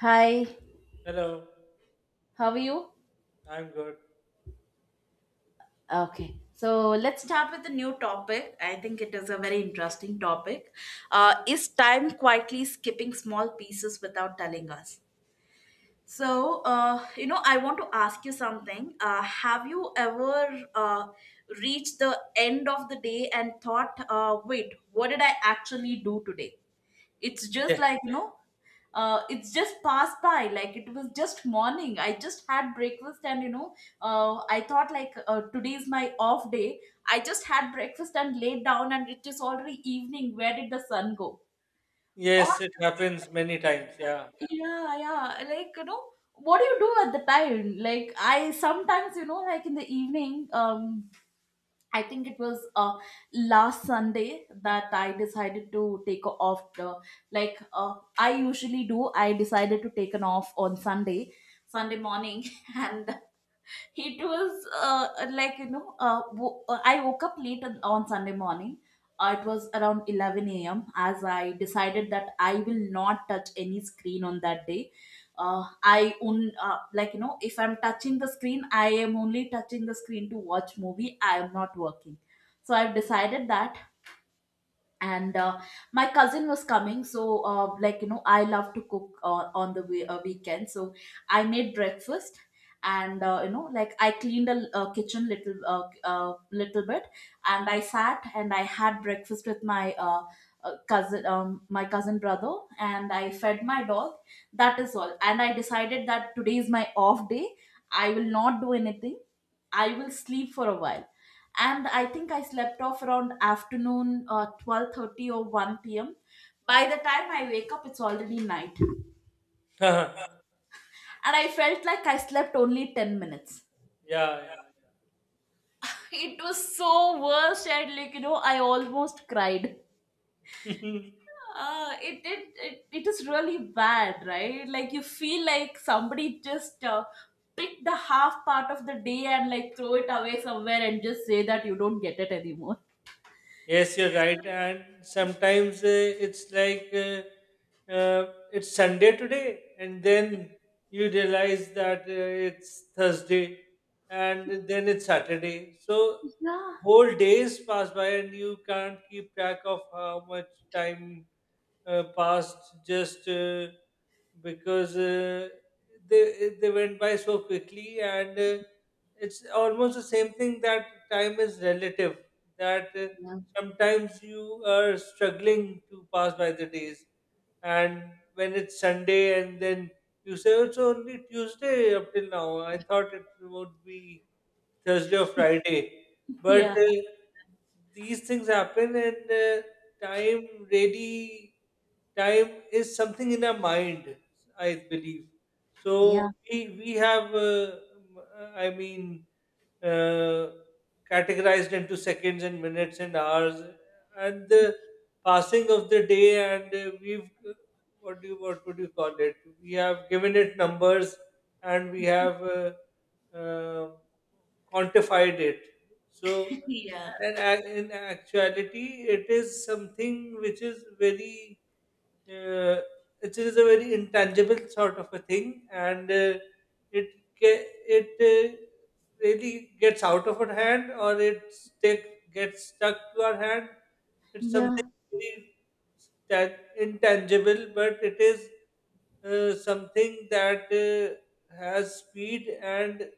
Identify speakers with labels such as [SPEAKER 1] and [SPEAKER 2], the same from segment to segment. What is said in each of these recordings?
[SPEAKER 1] Hi,
[SPEAKER 2] Hello,
[SPEAKER 1] how are you?
[SPEAKER 2] I'm good.
[SPEAKER 1] Okay, so let's start with a new topic. I think it is a very interesting topic. Is time quietly skipping small pieces without telling us? So, I want to ask you something. Have you ever reached the end of the day and thought, wait, what did I actually do today? It's just
[SPEAKER 2] Ye-
[SPEAKER 1] like, it's just passed by, like it was just morning. I just had breakfast. And I thought, like, today is my off day. I just had breakfast and laid down, and it is already evening. Where did the sun go? Oh,
[SPEAKER 2] Yes, it happens many times. Yeah.
[SPEAKER 1] yeah, yeah, like, what do you do at the time? Like, I sometimes, like in the evening, I think it was last Sunday that I decided to take off. Like, I usually do. I decided to take an off on Sunday, Sunday morning, and it was, like, I woke up late on Sunday morning. It was around 11 a.m., as I decided that I will not touch any screen on that day. Like, if I'm touching the screen, I am only touching the screen to watch movie. I am not working. So I've decided that. And My cousin was coming, so, like, I love to cook on the weekend. So I made breakfast. And, like, I cleaned the kitchen, little, little bit. And I sat, and I had breakfast with my, cousin, my cousin brother. And I fed my dog. That is all, and I decided that today is my off day. I will not do anything. I will sleep for a while. And I think I slept off around afternoon, 12:30 or 1 p.m. By the time I wake up, it's already night.
[SPEAKER 2] Yeah.
[SPEAKER 1] And I felt like I slept only 10 minutes.
[SPEAKER 2] Yeah.
[SPEAKER 1] It was so worst, and like, I almost cried.
[SPEAKER 2] Yeah.
[SPEAKER 1] It is really bad, right? Like, you feel like somebody just picked the half part of the day and like throw it away somewhere and just say that you don't get it anymore.
[SPEAKER 2] Yes, you're right. And sometimes it's like it's Sunday today, and then you realize that it's Thursday, and then it's Saturday. So
[SPEAKER 1] Yeah.
[SPEAKER 2] whole days pass by, and you can't keep track of how much time passed just because they went by so quickly, and it's almost the same thing that time is relative that.
[SPEAKER 1] Yeah.
[SPEAKER 2] Sometimes you are struggling to pass by the days, and when it's Sunday and then you say, "Oh, it's only Tuesday. Up till now I thought it would be Thursday or Friday." But
[SPEAKER 1] Yeah.
[SPEAKER 2] these things happen, and time really, time is something in our mind, I believe. So
[SPEAKER 1] Yeah.
[SPEAKER 2] we have m- i mean uh, categorized into seconds and minutes and hours and the passing of the day, and we've, what would you call it, we have given it numbers, and we have uh, quantified it. So
[SPEAKER 1] Yeah.
[SPEAKER 2] and in actuality, it is something which is very, uh, it is a very intangible sort of a thing, and it ge- it really gets out of our hand, or it stick, gets stuck to our hand. It's
[SPEAKER 1] Yeah.
[SPEAKER 2] something very intangible, but it is something that has speed, and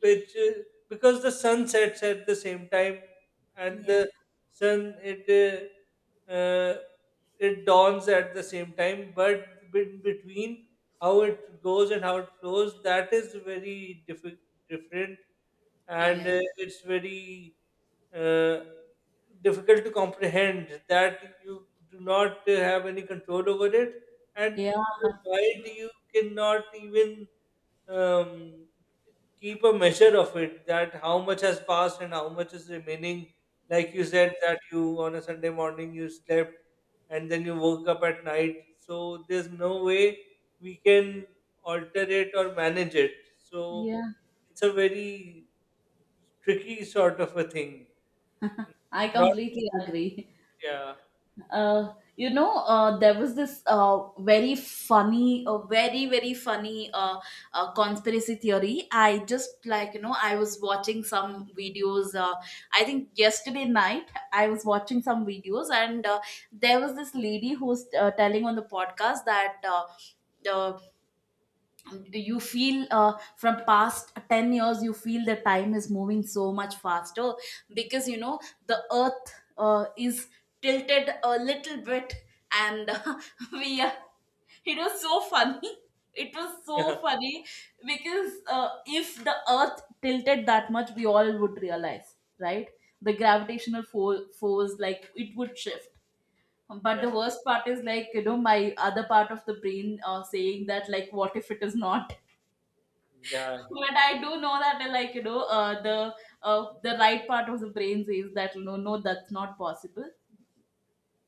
[SPEAKER 2] which is because the sun sets at the same time and
[SPEAKER 1] Yeah.
[SPEAKER 2] the sun, it it dawns at the same time, but in between, how it goes and how it flows, that is very different. And
[SPEAKER 1] Yeah.
[SPEAKER 2] it's very uh, difficult to comprehend that you do not have any control over it, and
[SPEAKER 1] Yeah.
[SPEAKER 2] in your mind you cannot even um, keep a measure of it, that how much has passed and how much is remaining. Like you said, that you, on a Sunday morning you slept and then you woke up at night. So there's no way we can alter it or manage it. So
[SPEAKER 1] Yeah.
[SPEAKER 2] it's a very tricky sort of a thing.
[SPEAKER 1] I
[SPEAKER 2] Not
[SPEAKER 1] completely agree.
[SPEAKER 2] yeah.
[SPEAKER 1] You know, there was this, very funny, very, very funny, conspiracy theory. I just, like, I was watching some videos. I think yesterday night, I was watching some videos, and, there was this lady who's, telling on the podcast that, uh, you feel, from past 10 years, you feel the time is moving so much faster because, the earth, is tilted a little bit, and, we are, it was so funny. It was so funny because, if the earth tilted that much, we all would realize, right? The gravitational force, like it would shift. But
[SPEAKER 2] Yeah.
[SPEAKER 1] the
[SPEAKER 2] Yeah.
[SPEAKER 1] worst part is like, my other part of the brain, saying that like, what if it is not?
[SPEAKER 2] Yeah.
[SPEAKER 1] But I do know that, like, the right part of the brain says that no, no, that's not possible.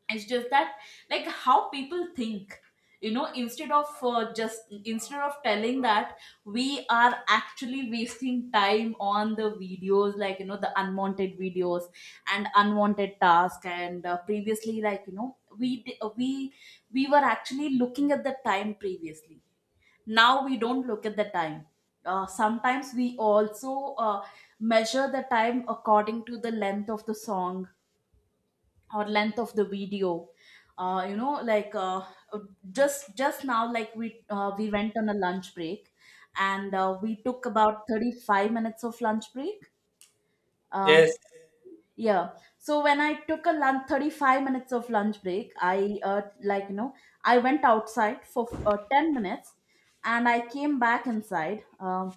[SPEAKER 1] It's just that, like, how people think. You know, instead of, just instead of telling that we are actually wasting time on the videos, like, the unwanted videos and unwanted task. And, previously, like, you know, we di- we were actually looking at the time previously. Now we don't look at the time. Sometimes we also, measure the time according to the length of the song, or length of the video. uh, you know like uh, just now, like, we went on a lunch break. And, we took about 35 minutes of lunch break. uh,
[SPEAKER 2] Yes.
[SPEAKER 1] yeah. So when I took a lunch, 35 minutes of lunch break, I, like, I went outside for, 10 minutes, and I came back inside. Um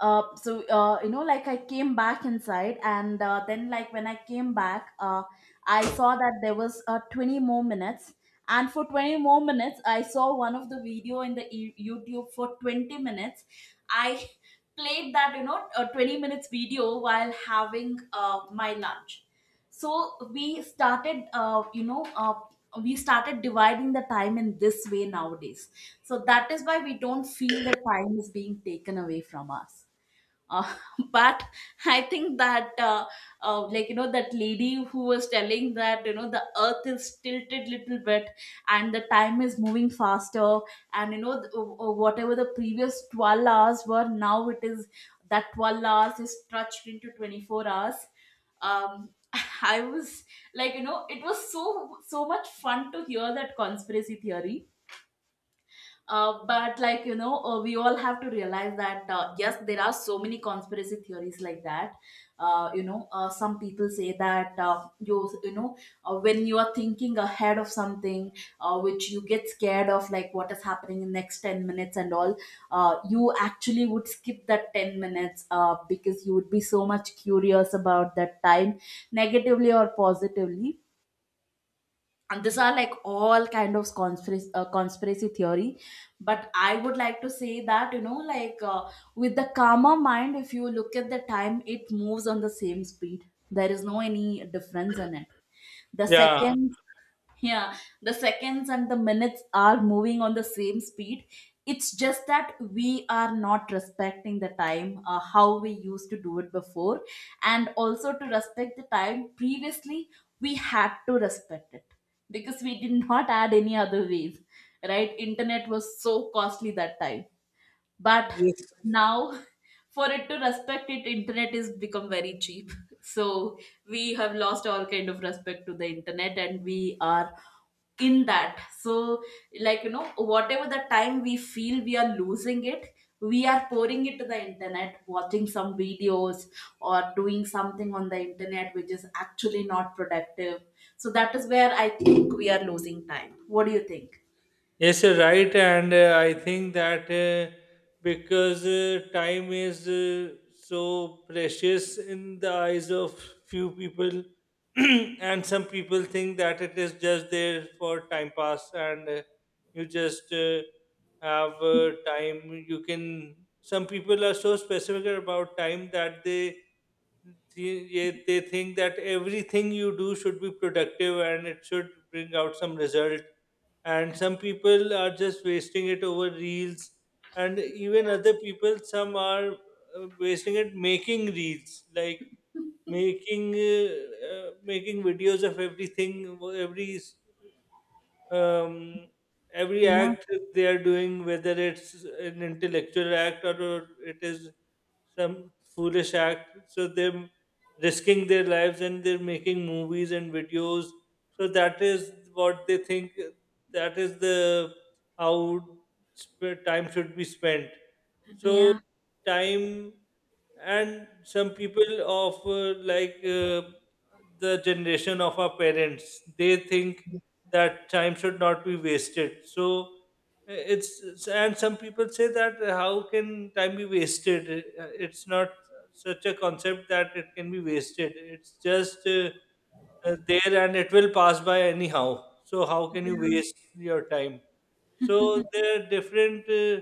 [SPEAKER 1] uh, so uh, you know like I came back inside, and, then like, when I came back, I saw that there was, 20 more minutes. And for 20 more minutes, I saw one of the video in the YouTube for 20 minutes. I played that, you know, a 20 minutes video while having, my lunch. So we started, we started dividing the time in this way nowadays. So that is why we don't feel that time is being taken away from us. uh, but I think that, like, that lady who was telling that, you know, the earth is tilted little bit, and the time is moving faster. And, whatever the previous 12 hours were, now it is that 12 hours is stretched into 24 hours. um I was like, it was so much fun to hear that conspiracy theory. But like, we all have to realize that, yes, there are so many conspiracy theories like that. You know, some people say that, you know when you are thinking ahead of something, which you get scared of, like, what is happening in next 10 minutes and all, you actually would skip that 10 minutes, because you would be so much curious about that time, negatively or positively. And these are like all kind of conspiracy, conspiracy theory. But I would like to say that, like, with the calmer mind, if you look at the time, it moves on the same speed. There is no any difference in it. The
[SPEAKER 2] Yeah.
[SPEAKER 1] second. Yeah. The seconds and the minutes are moving on the same speed. It's just that we are not respecting the time, how we used to do it before. And also to respect the time previously, we had to respect it because we did not add any other ways, right? Internet was so costly that time. But
[SPEAKER 2] Yes.
[SPEAKER 1] now, for it to respect it, internet is become very cheap. So we have lost all kind of respect to the internet, and we are in that. So like, whatever the time we feel we are losing it, we are pouring it to the internet, watching some videos, or doing something on the internet which is actually not productive. So that is where I think we are losing time. What do you think?
[SPEAKER 2] Yes, you're right, and I think that because time is so precious in the eyes of few people, and some people think that it is just there for time pass, and you just have time. You can. Some people are so specific about time that they they think that everything you do should be productive and it should bring out some result, and some people are just wasting it over reels, and even other people, some are wasting it making reels, like making making videos of everything, um, every
[SPEAKER 1] Yeah.
[SPEAKER 2] act they are doing, whether it's an intellectual act or it is some foolish act, so they're risking their lives and they're making movies and videos. So that is what they think. That is the how time should be spent. So
[SPEAKER 1] Yeah.
[SPEAKER 2] time, and some people of the generation of our parents, they think that time should not be wasted. So it's and some people say that how can time be wasted? It's not such a concept that it can be wasted. It's just there, and it will pass by anyhow, so how can you waste your time? So there are different uh,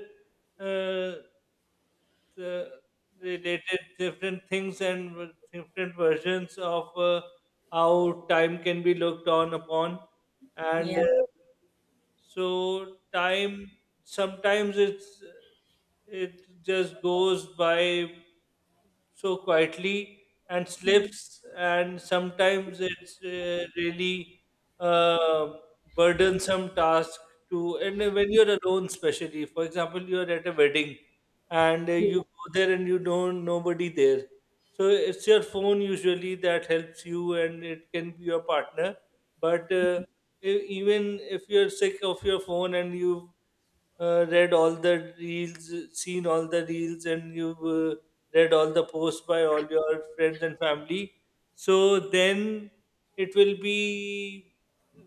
[SPEAKER 2] uh, uh, related different things, and with different versions of how time can be looked on upon. And
[SPEAKER 1] Yeah.
[SPEAKER 2] so time, sometimes it's, it just goes by so quietly and slips, and sometimes it's really uh, burdensome task to. And when you're alone, especially, for example, you're at a wedding, and you
[SPEAKER 1] Yeah.
[SPEAKER 2] go there and you don't, nobody there. So it's your phone usually that helps you, and it can be your partner. But even if you're sick of your phone and you've read all the reels, seen all the reels, and you've read all the posts by all your friends and family, so then it will be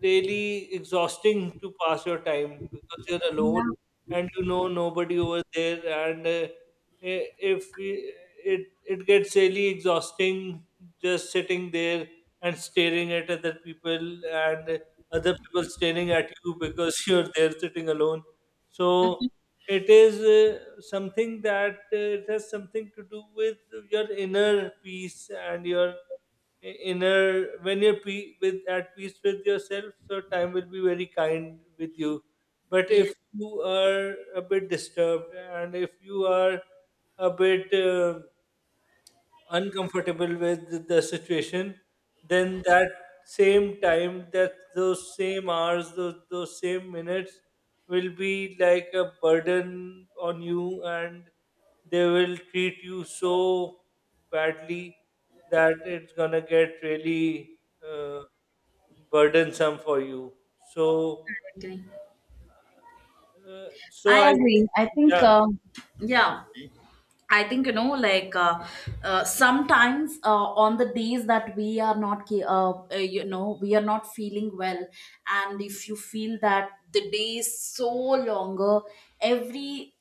[SPEAKER 2] really exhausting to pass your time because you're alone
[SPEAKER 1] Yeah.
[SPEAKER 2] and you know nobody over there. And if we, it gets really exhausting just sitting there and staring at other people, and other people staring at you because you're there sitting alone. So it is something that it has something to do with your inner peace and your inner, when you're with at peace with yourself, so time will be very kind with you. But
[SPEAKER 1] Yeah.
[SPEAKER 2] if you are a bit disturbed and if you are a bit uncomfortable with the situation, then that same time, that those same hours, those same minutes will be like a burden on you, and they will treat you so badly that it's gonna get really uh, burdensome for you.
[SPEAKER 1] I
[SPEAKER 2] So,
[SPEAKER 1] agree.
[SPEAKER 2] so I
[SPEAKER 1] I agree.
[SPEAKER 2] think,
[SPEAKER 1] I
[SPEAKER 2] yeah,
[SPEAKER 1] think, yeah. I think, like, sometimes, on the days that we are not, we are not feeling well. And if you feel that the day is so longer, every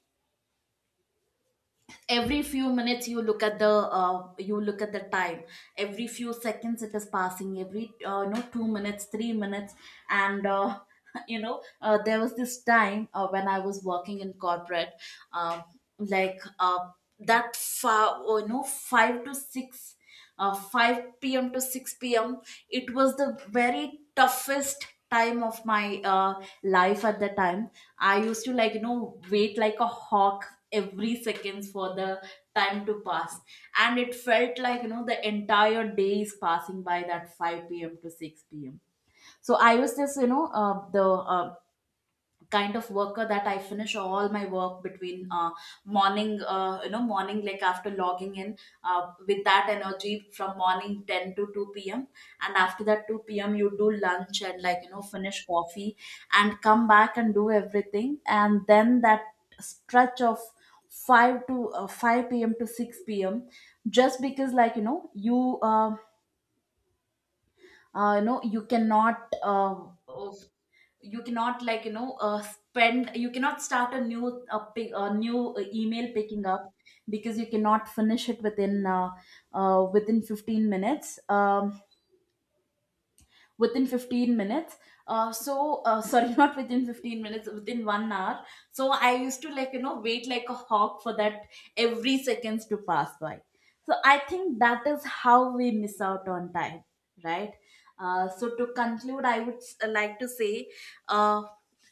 [SPEAKER 1] every few minutes you look at the, you look at the time. Every few seconds, it is passing. Every, you know, 2 minutes, 3 minutes. And, you know, there was this time, when I was working in corporate. um, like, that far, oh, you know, 5 to 6, 5 p.m. to 6 p.m. It was the very toughest time of my, life. At the time, I used to, like, wait like a hawk every seconds for the time to pass. And it felt like, the entire day is passing by that 5 p.m. to 6 p.m. So I was just, you know, the kind of worker that I finish all my work between, morning, morning, like, after logging in, with that energy from morning 10 to 2 p.m. And after that 2 p.m., you do lunch and like, finish coffee and come back and do everything. And then that stretch of 5 to, 5 p.m. to 6 p.m., just because like, you cannot, you cannot like, you know spend you cannot start a new a, pick, a new, email picking up because you cannot finish it within, within 15 minutes. Within 15 minutes. Sorry, not within 15 minutes, within 1 hour. So I used to, like, wait like a hawk for that, every seconds to pass by. So I think that is how we miss out on time, right? So to conclude, I would like to say, uh,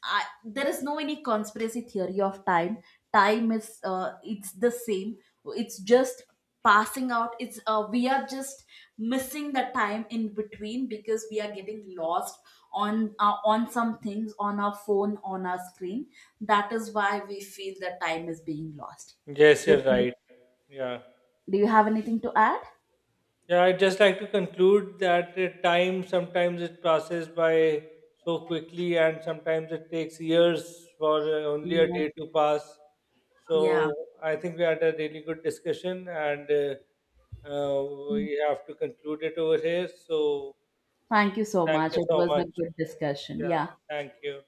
[SPEAKER 1] I, there is no any conspiracy theory of time. Time is, it's the same. It's just passing out. It's, we are just missing the time in between because we are getting lost on, on some things, on our phone, on our screen. That is why we feel that time is being lost.
[SPEAKER 2] yes,
[SPEAKER 1] So
[SPEAKER 2] you're
[SPEAKER 1] do
[SPEAKER 2] right. Yeah.
[SPEAKER 1] do you have anything to add?
[SPEAKER 2] Yeah, I'd just like to conclude that time sometimes it passes by so quickly, and sometimes it takes years for only a
[SPEAKER 1] Yeah.
[SPEAKER 2] day to pass.
[SPEAKER 1] Yeah.
[SPEAKER 2] So I think we had a really good discussion, and uh, we have to conclude it over here. So
[SPEAKER 1] Thank you so
[SPEAKER 2] thank
[SPEAKER 1] much.
[SPEAKER 2] you
[SPEAKER 1] It
[SPEAKER 2] so
[SPEAKER 1] was a
[SPEAKER 2] much.
[SPEAKER 1] good discussion.
[SPEAKER 2] Yeah,
[SPEAKER 1] Yeah.
[SPEAKER 2] thank you.